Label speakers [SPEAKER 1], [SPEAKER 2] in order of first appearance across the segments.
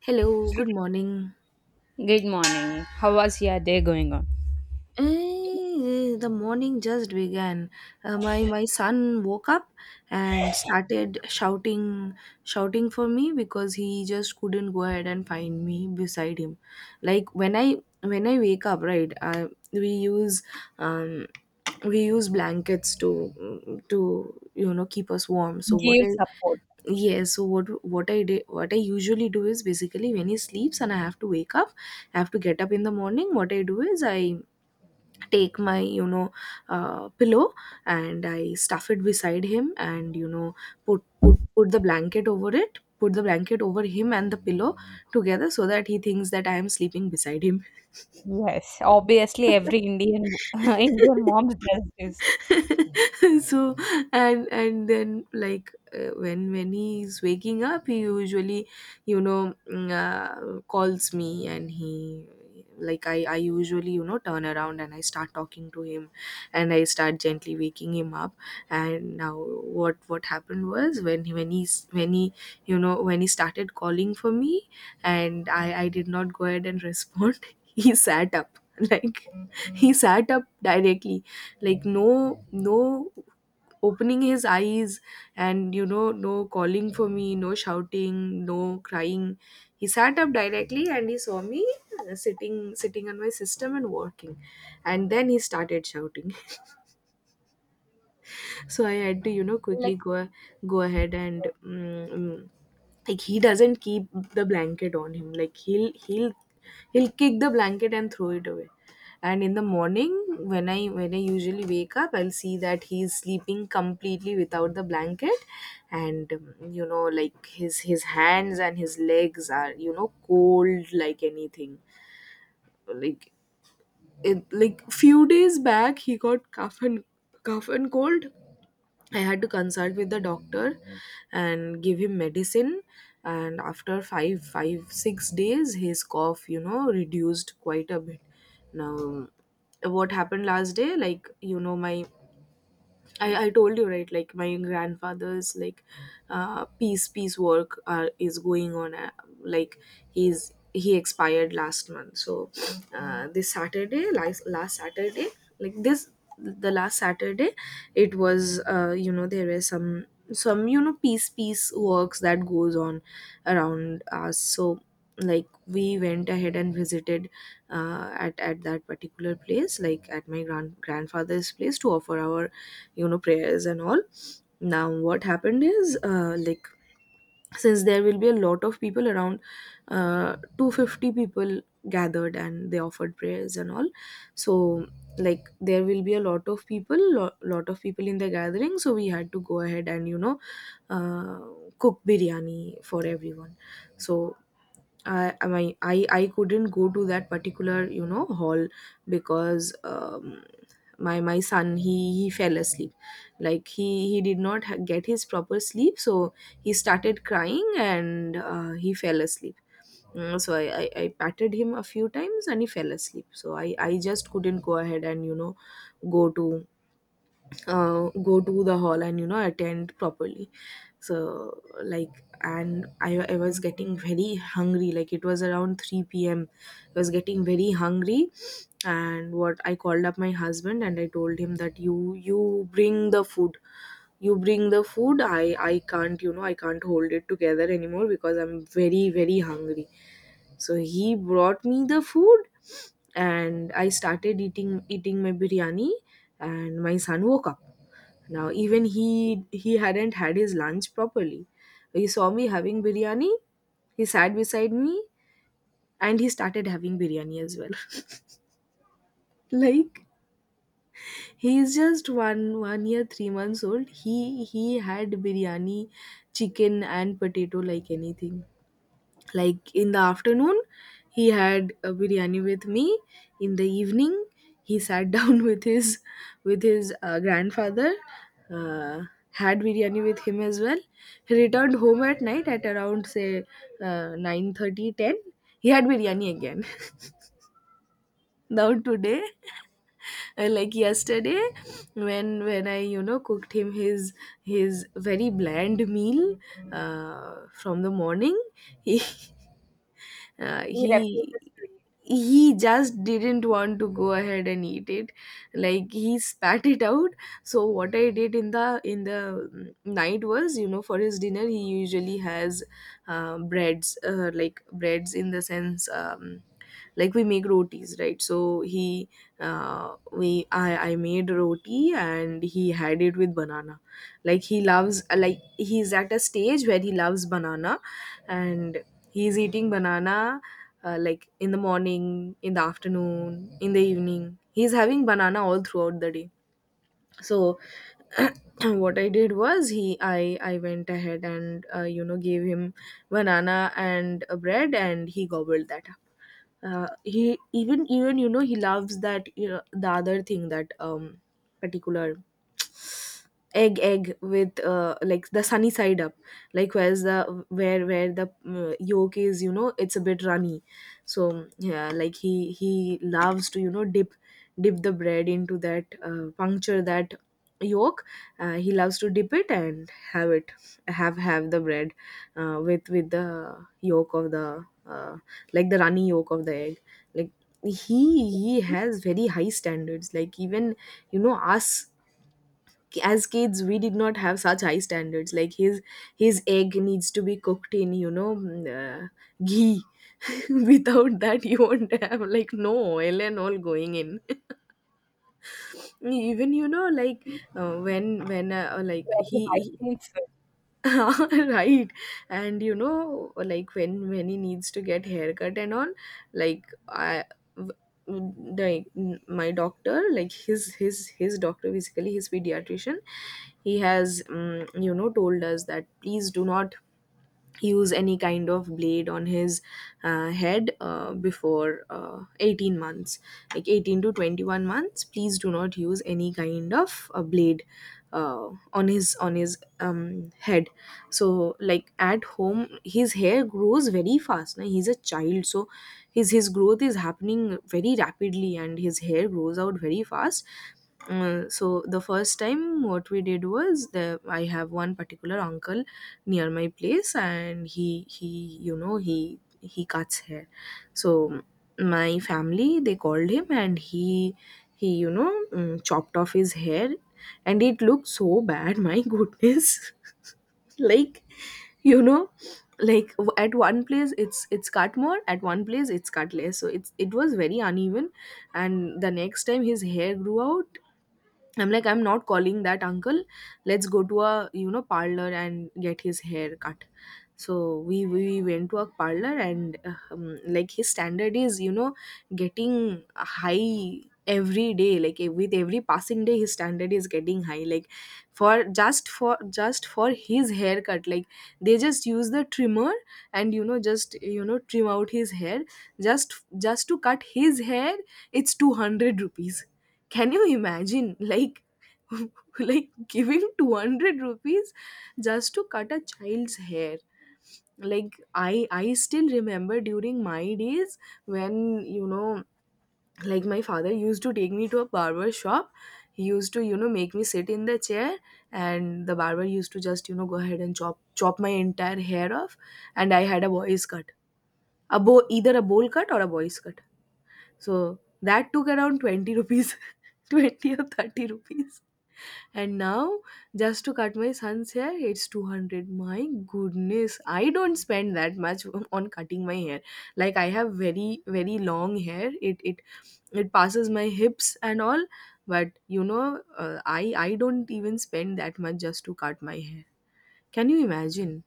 [SPEAKER 1] Hello, good morning.
[SPEAKER 2] Good morning. How was your day going on?
[SPEAKER 1] Eh, the morning just began. My son woke up and started shouting for me because he just couldn't go ahead and find me beside him. Like when I wake up, right? We use um, we use blankets to you know keep us warm. So what
[SPEAKER 2] Give
[SPEAKER 1] I
[SPEAKER 2] support.
[SPEAKER 1] Yes, so what I did what I usually do is basically when he sleeps and I have to wake up, I have to get up in the morning. What I do is I take my pillow and I stuff it beside him, and you know put the blanket over it, put the blanket over him and the pillow together so that he thinks that I am sleeping beside him.
[SPEAKER 2] Yes, obviously every Indian Indian mom does this.
[SPEAKER 1] So and then like when he's waking up he usually you know calls me, and he like I usually you know turn around and I start talking to him, and I start gently waking him up. And now what happened was when he you know when he started calling for me and I did not go ahead and respond, he sat up. Like he sat up directly, like no opening his eyes, and you know no calling for me, no shouting, no crying. He sat up directly and he saw me uh, sitting sitting on my system and working, and then he started shouting. So I had to you know quickly
[SPEAKER 2] Like
[SPEAKER 1] go ahead and like he doesn't keep the blanket on him. Like he'll kick the blanket and throw it away, and in the morning when I usually wake up I'll see that he's sleeping completely without the blanket, and you know like his hands and his legs are you know cold like anything. Like it like few days back he got cough and cold. I had to consult with the doctor and give him medicine. And after 6 days, his cough, you know, reduced quite a bit. Now, what happened last day? Like, you know, my I told you right, like my grandfather's like peace work is going on. Like he expired last month, so this Saturday, last Saturday, like this the last Saturday, it was you know there were some you know peace works that goes on around us. So like we went ahead and visited at that particular place, like at my grandfather's place to offer our you know prayers and all. Now what happened is like since there will be a lot of people around, 250 people gathered and they offered prayers and all. So like there will be a lot of people, lot of people in the gathering, so we had to go ahead and you know uh, cook biryani for everyone. So I mean I couldn't go to that particular you know hall, because my son he fell asleep. Like he did not get his proper sleep, so he started crying, and he fell asleep. Mm, so I patted him a few times and he fell asleep, so I just couldn't go ahead and you know go to go to the hall and you know attend properly. So like I was getting very hungry. Like it was around 3 p.m, I was getting very hungry, and what I called up my husband and I told him that you bring the food, you bring the food, I can't you know I can't hold it together anymore because I'm very very hungry. So he brought me the food and I started eating my biryani, and my son woke up. Now even he hadn't had his lunch properly. He saw me having biryani, he sat beside me, and he started having biryani as well. Like he is just one year, 3 months old. He had biryani, chicken and potato like anything. Like in the afternoon he had a biryani with me, in the evening he sat down with his grandfather, uh, had biryani with him as well. He returned home at night at around say 9:30, 10. He had biryani again. Now today, like yesterday, when I you know cooked him his very bland meal from the morning, he uh,
[SPEAKER 2] he
[SPEAKER 1] he
[SPEAKER 2] refuses to eat
[SPEAKER 1] he just didn't want to go ahead and eat it. Like he spat it out. So what I did in the night was you know for his dinner he usually has breads, like breads in the sense like we make rotis, right? So he we I made roti and he had it with banana. Like he loves, like he's at a stage where he loves banana. And he's eating banana like in the morning, in the afternoon, in the evening. He's having banana all throughout the day. So what I did was he I went ahead and you know gave him banana and a bread, and he gobbled that up. He even you know he loves that you know, the other thing that particular egg with like the sunny side up, like where the yolk is, you know it's a bit runny. So yeah, like he loves to you know dip the bread into that, puncture that yolk. He loves to dip it and have the bread with the yolk of the runny yolk of the egg. Like he has very high standards. Like even you know us as kids we did not have such high standards. Like his egg needs to be cooked in you know ghee. Without that you won't have, like no oil and all going in. Even you know like when like
[SPEAKER 2] very high
[SPEAKER 1] he
[SPEAKER 2] things.
[SPEAKER 1] right. And you know, like when he needs to get haircut and all, like I w- like n- my doctor like his doctor, basically his pediatrician, he has you know told us that please do not use any kind of blade on his head before, 18 months. Like 18 to 21 months please do not use any kind of blade on his head. So like at home his hair grows very fast, na? He's a child, so his growth is happening very rapidly and his hair grows out very fast. So the first time what we did was the I have one particular uncle near my place, and he you know he cuts hair. So my family they called him, and he you know chopped off his hair, and it looked so bad, my goodness. Like you know like at one place it's cut more, at one place it's cut less, so it was very uneven. And the next time his hair grew out, I'm like, I'm not calling that uncle. Let's go to a you know parlor and get his hair cut. So we went to a parlor and like his standard is you know getting high every day. Like eh, with every passing day, his standard is getting high. Like for just for his haircut, like they just use the trimmer and you know just you know trim out his hair. Just just to cut his hair, it's 200 rupees. Can you imagine? Like like giving 200 rupees just to cut a child's hair. Like I still remember during my days when you know like my father used to take me to a barber shop. He used to you know make me sit in the chair, and the barber used to just you know go ahead and chop my entire hair off, and I had a boy's cut, a either a bowl cut or a boy's cut. So that took around 20 rupees. 20 or 30 rupees. And now, just to cut my son's hair, it's 200. My goodness, I don't spend that much on cutting my hair. Like I have very very long hair. It it passes my hips and all, but you know, I don't even spend that much just to cut my hair. Can you imagine?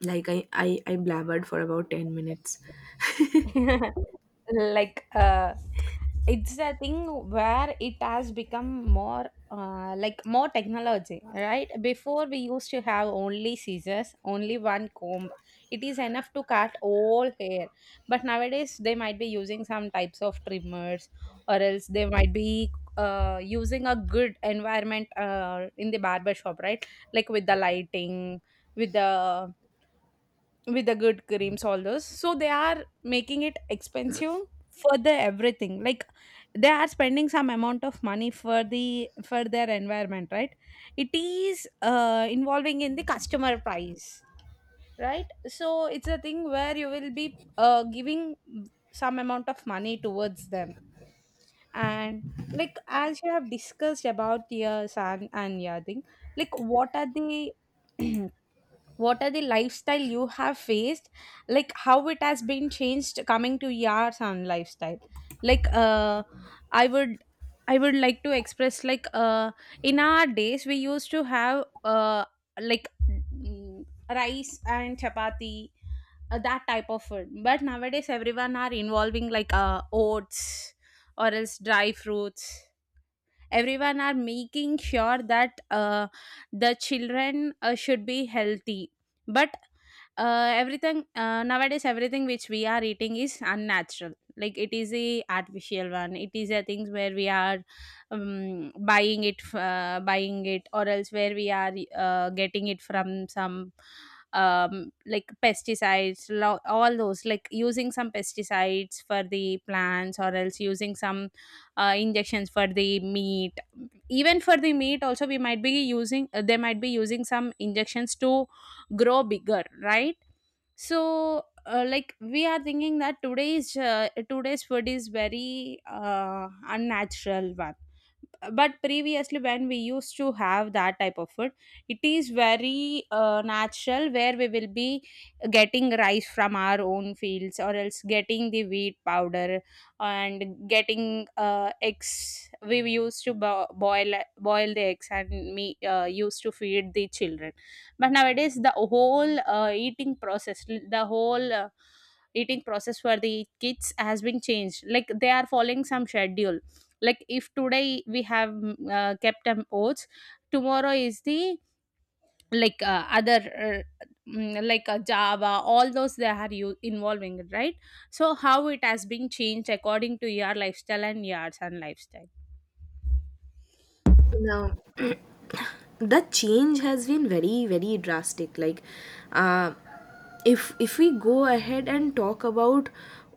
[SPEAKER 1] Like I I blabbered for about 10 minutes.
[SPEAKER 2] Like it's a thing where it has become more like more technology, right? Before we used to have only scissors, only one comb. It is enough to cut all hair. But nowadays they might be using some types of trimmers, or else they might be using a good environment in the barber shop, right? Like with the lighting, with the with the good creams, all those. So they are making it expensive for the everything. Like they are spending some amount of money for their environment, right? It is involving in the customer price, right? So it's a thing where you will be giving some amount of money towards them. And like as you have discussed about your son and your thing, like what are the what are the lifestyle you have faced? Like how it has been changed coming to your son lifestyle? Like i would I would like to express, like in our days we used to have like rice and chapati, that type of food. But nowadays everyone are involving like oats or else dry fruits. Everyone are making sure that the children should be healthy. But everything nowadays, everything which we are eating is unnatural, like it is a artificial one. It is a things where we are buying it, or else where we are getting it from some like pesticides, all those. Like using some pesticides for the plants, or else using some injections for the meat. Even for the meat also we might be using, they might be using some injections to grow bigger, right? So like we are thinking that today's food is very unnatural one. But previously when we used to have that type of food, it is very natural, where we will be getting rice from our own fields, or else getting the wheat powder. And getting eggs, we used to boil the eggs and me used to feed the children. But nowadays the whole eating process, the whole eating process for the kids has been changed. Like they are following some schedule. Like if today we have kept oats, tomorrow is the other java, all those they are you involving it, right? So how it has been changed according to your lifestyle and yours and lifestyle?
[SPEAKER 1] Now, the change has been very very drastic. Uh, if we go ahead and talk about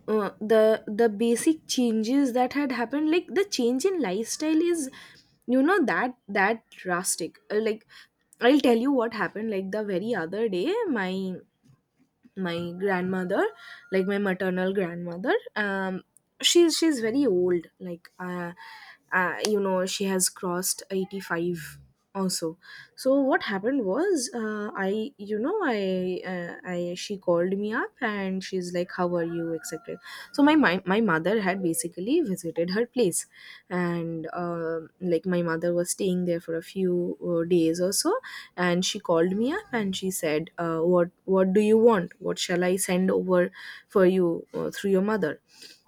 [SPEAKER 1] the basic changes that had happened, like the change in lifestyle is that drastic. Like, I'll tell you what happened. Like the very other day, my grandmother, like my maternal grandmother, she's very old. Like you know, she has crossed 85 also. So what happened was, I you know I she called me up and she's like, how are you, etc. So my mother had basically visited her place, and like my mother was staying there for a few days or so, and she called me up and she said, what do you want, what shall I send over for you through your mother?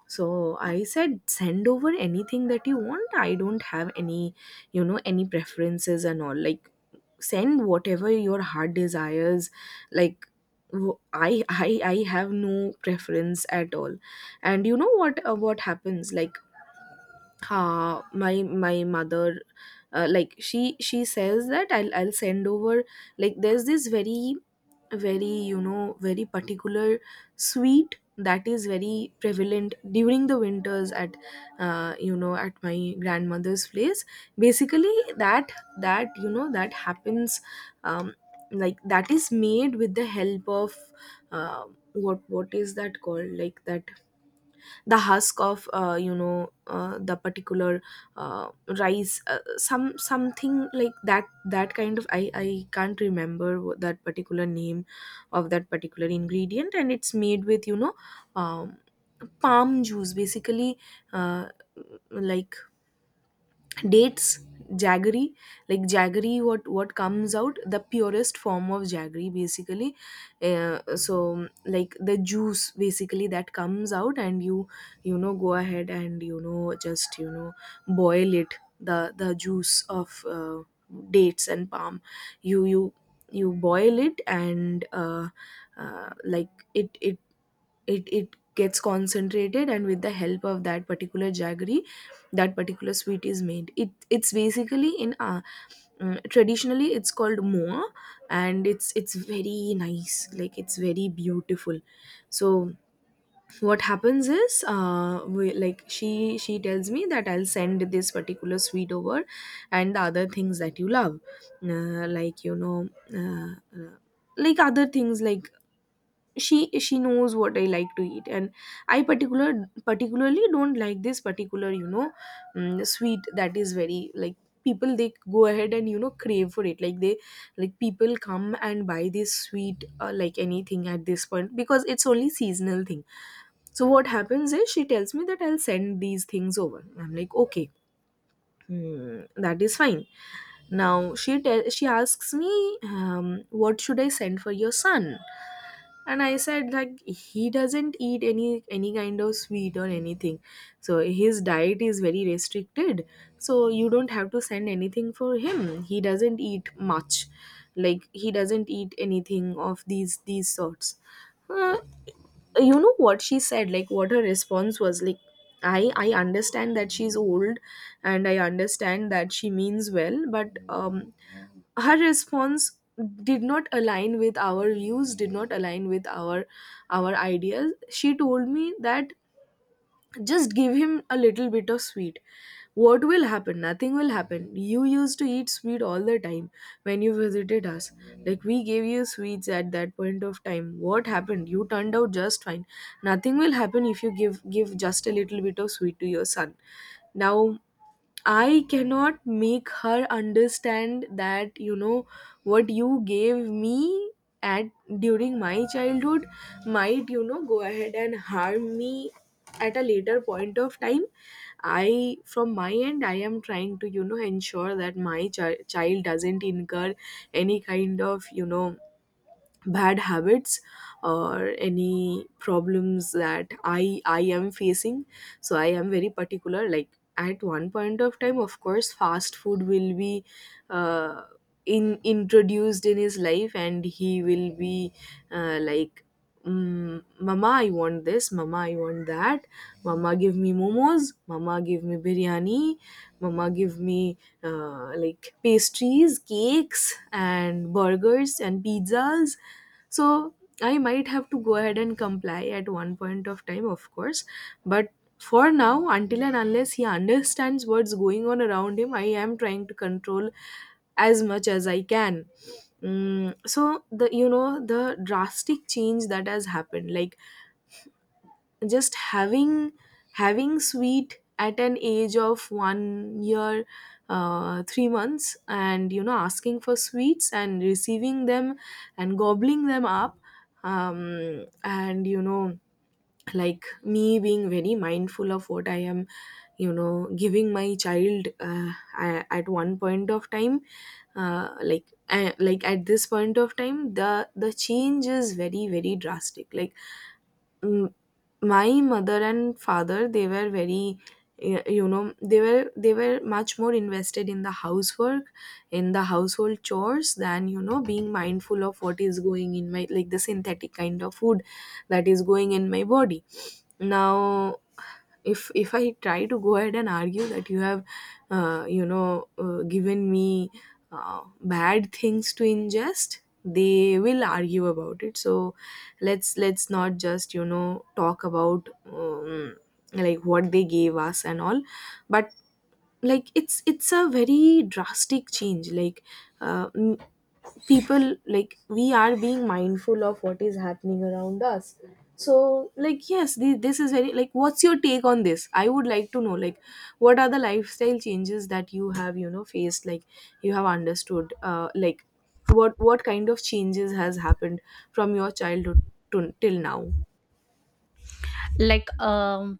[SPEAKER 1] So I said, send over anything that you want, I don't have any, you know, any preferences and all. Like, send whatever your heart desires. Like I have no preference at all. And you know what, what happens, like my mother, like she says that I'll send over, like there's this very, very, you know, very particular sweet that is very prevalent during the winters at at my grandmother's place, basically, that that happens. um, like, that is made with the help of uh, what is that called, like that, the husk of, the particular uh, rice, some, something like that, that kind of, I can't remember what that particular name of that particular ingredient. And it's made with, you know, um, palm juice basically, uh, like dates, jaggery, like jaggery, what comes out, the purest form of jaggery basically. So like the juice basically that comes out and you know, go ahead and, you know, just, you know, boil it, the juice of dates and palm. You you boil it, and like it gets concentrated, and with the help of that particular jaggery, that particular sweet is made. It's basically in, traditionally it's called moa, and it's very nice. Like it's very beautiful. So what happens is, like she tells me that I'll send this particular sweet over, and the other things that you love, uh, like you know uh, uh, like other things. Like she knows what I like to eat. And I particularly don't like this particular, you know, sweet, that is very, like, people, they go ahead and, you know, crave for it. Like they, like people come and buy this sweet like anything at this point, because it's only seasonal thing. So what happens is, she tells me that I'll send these things over. I'm like, okay, hmm, that is fine. Now she asks me, what should I send for your son? And I said, like, he doesn't eat any kind of sweet or anything. So his diet is very restricted, so you don't have to send anything for him. He doesn't eat much. Like he doesn't eat anything of these sorts. uh, you know what she said, like what her response was, like, I understand that she's old, and I understand that she means well, but her response did not align with our views, did not align with our ideas. She told me that, just give him a little bit of sweet. What will happen? Nothing will happen. You used to eat sweet all the time when you visited us. Like, we gave you sweets at that point of time. What happened? You turned out just fine. Nothing will happen if you give just a little bit of sweet to your son. Now, I cannot make her understand that, you know, what you gave me at, during my childhood, might, you know, go ahead and harm me at a later point of time. I, from my end, I am trying to, you know, ensure that my child doesn't incur any kind of, you know, bad habits, or any problems that I am facing. So I am very particular. Like, at one point of time, of course, fast food will be, uh, in introduced in his life, and he will be, uh, like mama, I want this, mama, I want that, mama, give me momos, mama, give me biryani, mama, give me, like, pastries, cakes, and burgers and pizzas. So I might have to go ahead and comply at one point of time, of course. But for now, until and unless he understands what's going on around him, I am trying to control as much as I can. So the, you know, the drastic change that has happened, like, just having sweet at an age of 1 year, 3 months, and you know, asking for sweets and receiving them, and gobbling them up, and you know, like me being very mindful of what I am, you know, giving my child, at one point of time. Like at this point of time, the change is very, very drastic. Like, my mother and father, they were very, you know, they were much more invested in the housework, in the household chores, than, you know, being mindful of what is going in my, like, the synthetic kind of food that is going in my body. Now, if I try to go ahead and argue that, you have, given me bad things to ingest, they will argue about it. So let's not just, you know, talk about, like, what they gave us and all. But like, it's a very drastic change. Like, uh, m- people, like, we are being mindful of what is happening around us. So like, yes, this is very, like, what's your take on this? I would like to know, like, what are the lifestyle changes that you have, you know, faced, like you have understood, like, what kind of changes has happened from your childhood to till now.
[SPEAKER 2] Like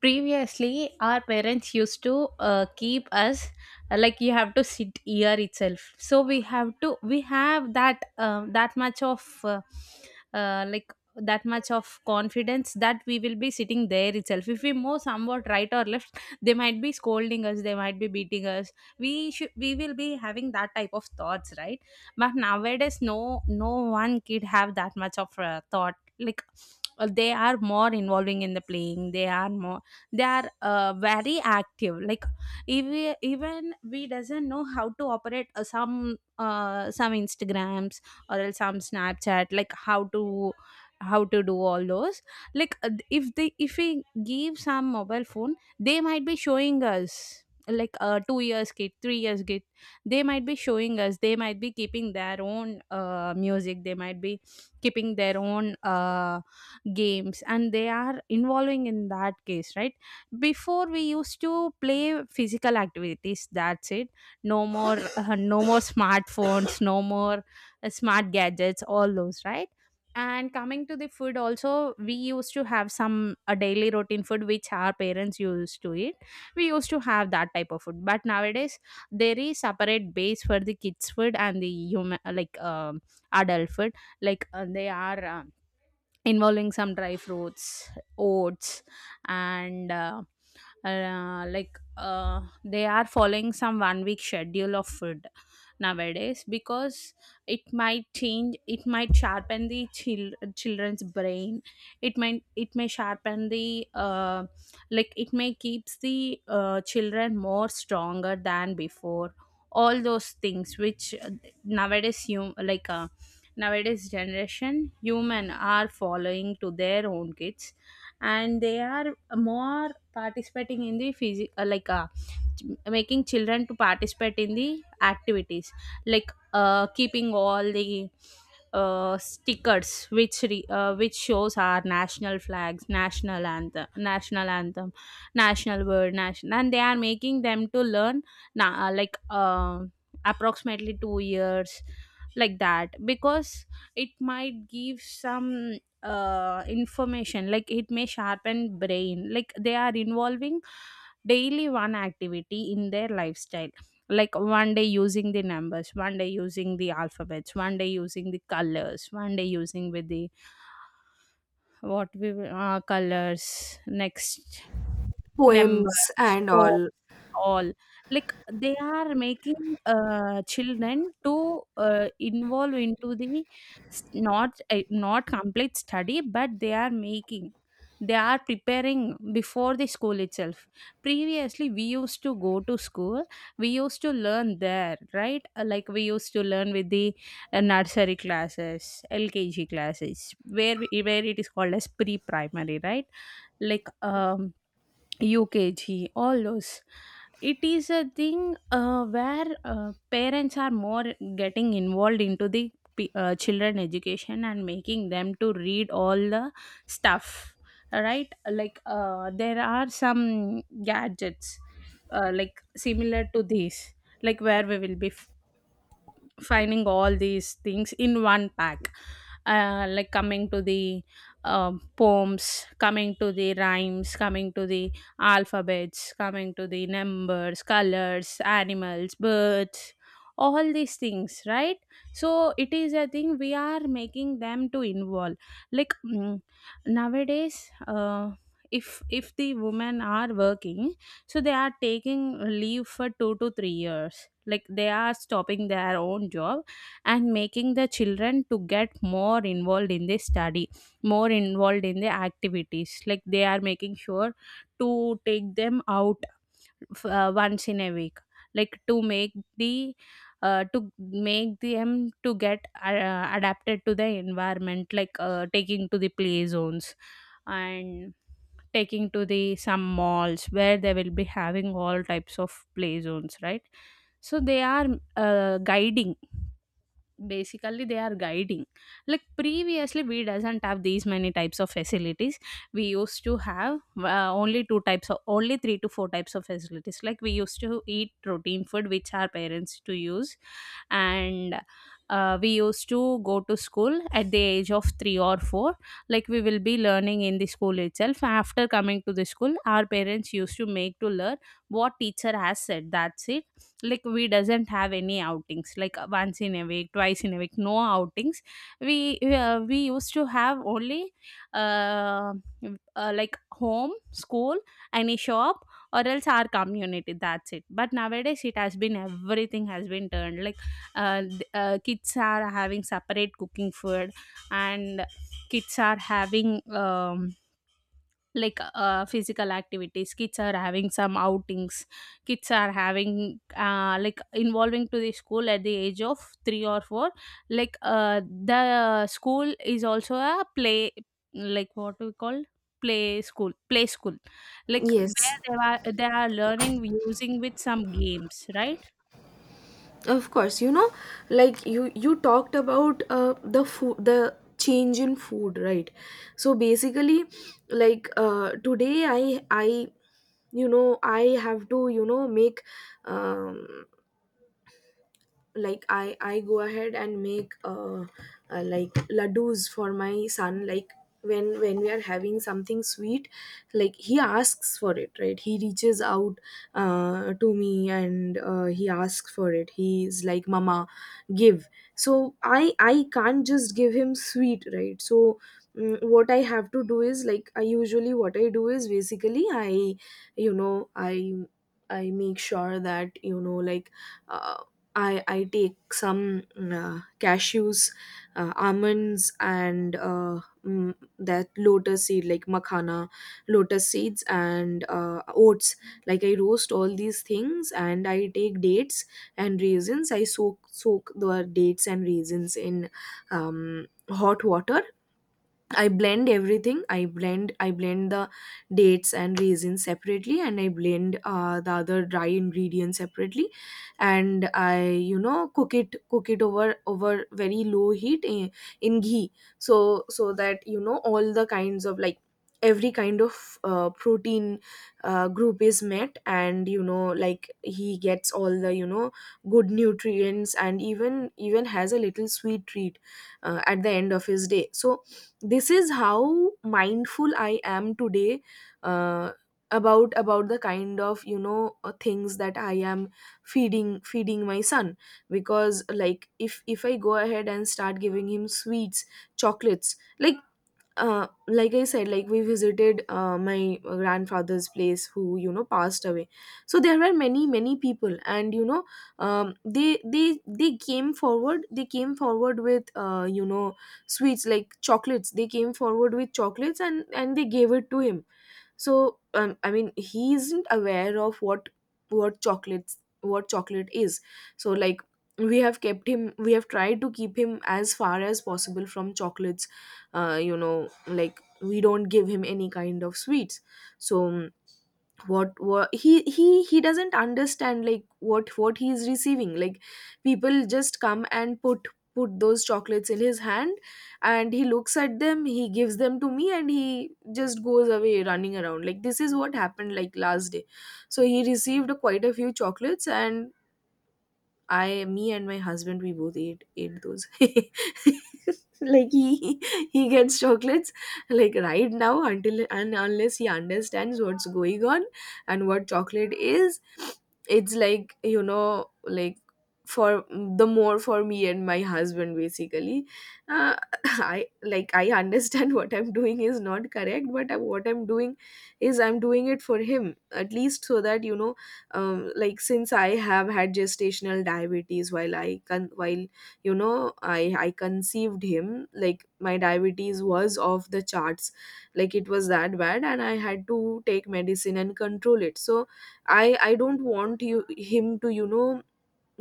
[SPEAKER 2] previously our parents used to keep us, like you have to sit here itself. So we have to, we have that that much of uh, like that much of confidence that we will be sitting there itself. If we move somewhat right or left, they might be scolding us, they might be beating us. We should, we will be having that type of thoughts, right? But nowadays no, no one kid have that much of thought. Like they are more involving in the playing. They are more, they are very active. Like if we, even we doesn't know how to operate some instagrams or else some snapchat, like how to do all those. Like if they, if we give some mobile phone, they might be showing us, like a 2 years kid, 3 years kid, they might be showing us, they might be keeping their own music, they might be keeping their own games, and they are involving in that case, right? Before we used to play physical activities, that's it. No more no more smartphones, no more smart gadgets, all those, right? And coming to the food also, we used to have some a daily routine food which our parents used to eat. We used to have that type of food. But nowadays there is separate base for the kids food and the human, like adult food. Like they are involving some dry fruits, oats, and they are following some one week schedule of food nowadays, because it might change, it might sharpen the children's brain. It might, it may sharpen the like it may keeps the children more stronger than before. All those things which nowadays you like nowadays generation human are following to their own kids. And they are more participating in the physical, like making children to participate in the activities. Like keeping all the stickers which which shows our national flags, national anthem, national word, national, and they are making them to learn, na- uh, like uh, approximately 2 years, like that. Because it might give some information, like it may sharpen brain. Like they are involving daily one activity in their lifestyle. Like one day using the numbers, one day using the alphabets, one day using the colors, one day using with the colors, next
[SPEAKER 1] Poems
[SPEAKER 2] numbers,
[SPEAKER 1] and all.
[SPEAKER 2] all. Like they are making children to involve into the not not complete study, but they are making, they are preparing before the school itself. Previously we used to go to school, we used to learn there, right? Like we used to learn with the nursery classes, LKG classes, where where it is called as pre primary, right? Like UKG, all those. It is a thing where parents are more getting involved into the children education and making them to read all the stuff, right? Like there are some gadgets like similar to these, like where we will be finding all these things in one pack. Uh, like coming to the poems, coming to the rhymes, coming to the alphabets, coming to the numbers, colors, animals, birds, all these things, right? So it is a thing we are making them to involve. Like nowadays if the women are working, so they are taking leave for 2 to 3 years. Like they are stopping their own job and making the children to get more involved in the study, more involved in the activities. Like they are making sure to take them out, once in a week. Like to make the to make them to get adapted to the environment, like taking to the play zones and taking to the some malls where they will be having all types of play zones, right? So they are guiding, basically they are guiding. Like previously we doesn't have these many types of facilities. We used to have only two types of, only three to four types of facilities. Like we used to eat protein food which our parents to use. And we used to go to school at the age of 3 or 4. Like we will be learning in the school itself. After coming to the school, our parents used to make to learn what teacher has said, that's it. Like we doesn't have any outings, like once in a week, twice in a week, no outings. We used to have only uh, like home school, any shop, or else our community, that's it. But nowadays it has been everything has been turned. Like kids are having separate cooking food, and kids are having like physical activities, kids are having some outings, kids are having like involving to the school at the age of 3 or 4. Like the school is also a play. Like what we call play school, play school, like
[SPEAKER 1] Yes.
[SPEAKER 2] where they are, they are learning using with some games, right?
[SPEAKER 1] Of course, you know, like you talked about the food, the change in food, right? So basically, like, today, I you know, I have to, you know, make, um, like, I go ahead and make, like, ladoos for my son. Like, when we are having something sweet, like he asks for it, right? He reaches out to me, and he asks for it. He's like, mama, give. So I can't just give him sweet, right? So what I have to do is, like, I usually, what I do is basically, I, you know, I make sure that, you know, like, uh, I take some, cashews, almonds, and that lotus seed, like makhana, lotus seeds, and oats. Like, I roast all these things, and I take dates and raisins. I soak the dates and raisins in hot water. I blend everything. I blend, I blend the dates and raisins separately, and I blend the other dry ingredients separately, and I, you know, cook it, over, over very low heat in ghee, so, so that, you know, all the kinds of, like, every kind of protein group is met, and you know, like he gets all the, you know, good nutrients, and even has a little sweet treat at the end of his day. So this is how mindful I am today, uh, about the kind of, you know, things that I am feeding my son. Because like, if I go ahead and start giving him sweets, chocolates, like, like I said, like we visited my grandfather's place, who, you know, passed away. So there were many, many people, and you know, they came forward. They came forward with, you know, sweets, like chocolates. They came forward with chocolates, and they gave it to him. So I mean, he isn't aware of what chocolates, what chocolate is. So like, we have kept him, we have tried to keep him as far as possible from chocolates. You know, like, we don't give him any kind of sweets. So what he, he doesn't understand, like what he is receiving. Like, people just come and put, put those chocolates in his hand, and he looks at them, he gives them to me, and he just goes away, running around. Like, this is what happened, like last day. So he received quite a few chocolates, and I, me and my husband, we both ate, ate those. Like he gets chocolates. Like, right now, until and unless he understands what's going on and what chocolate is, it's like, you know, like, for the more, for me and my husband basically. Uh, I like, I understand what I'm doing is not correct, but what I'm doing is, I'm doing it for him, at least, so that you know, like, since I have had gestational diabetes while I while, you know, I conceived him, like my diabetes was off the charts. Like, it was that bad, and I had to take medicine and control it. So I don't want you him to, you know,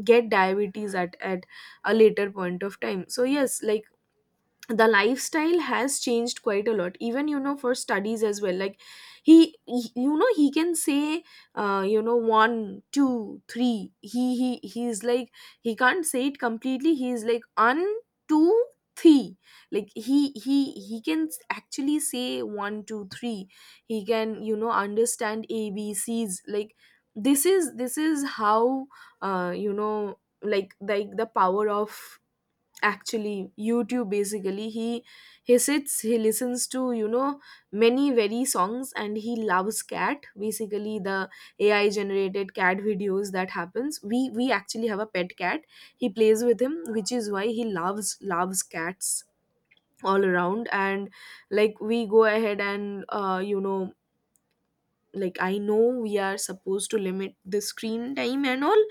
[SPEAKER 1] get diabetes at a later point of time. So yes, like, the lifestyle has changed quite a lot, even, you know, for studies as well. Like he, you know, he can say you know, one two three. He's like, he can't say it completely. He's like, un, two, three. Like, he he can actually say one two three. He can, you know, understand abcs. Like this is, this is how, you know, like the power of actually YouTube basically. He sits, he listens to, you know, many very songs, and he loves cat, basically the AI generated cat videos that happens. We actually have a pet cat. He plays with him, which is why he loves cats all around. And, like, we go ahead and, you know, like, I know we are supposed to limit the screen time and all,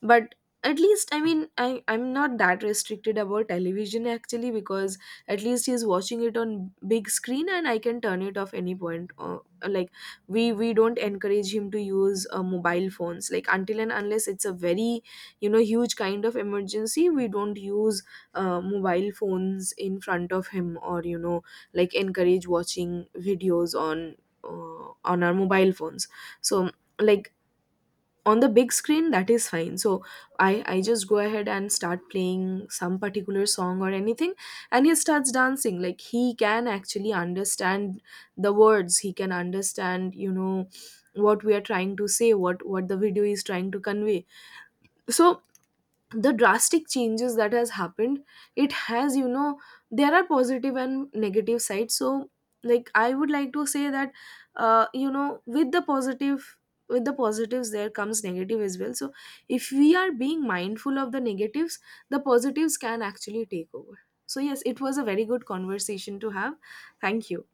[SPEAKER 1] but, at least, I mean, I'm not that restricted about television actually, because at least he's watching it on big screen, and I can turn it off any point. Like, we don't encourage him to use mobile phones. Like, until and unless it's a very, you know, huge kind of emergency, we don't use mobile phones in front of him, or, you know, like, encourage watching videos on our mobile phones. So, like, on the big screen that is fine. So i I just go ahead and start playing some particular song or anything, and he starts dancing. Like he can actually understand the words. He can understand, you know, what we are trying to say, what the video is trying to convey. So, the drastic changes that has happened, it has, you know, there are positive and negative sides. So, like, I would like to say that, you know, with the positive, with the positives there comes negative as well. So, if we are being mindful of the negatives, the positives can actually take over. So yes, it was a very good conversation to have. Thank you.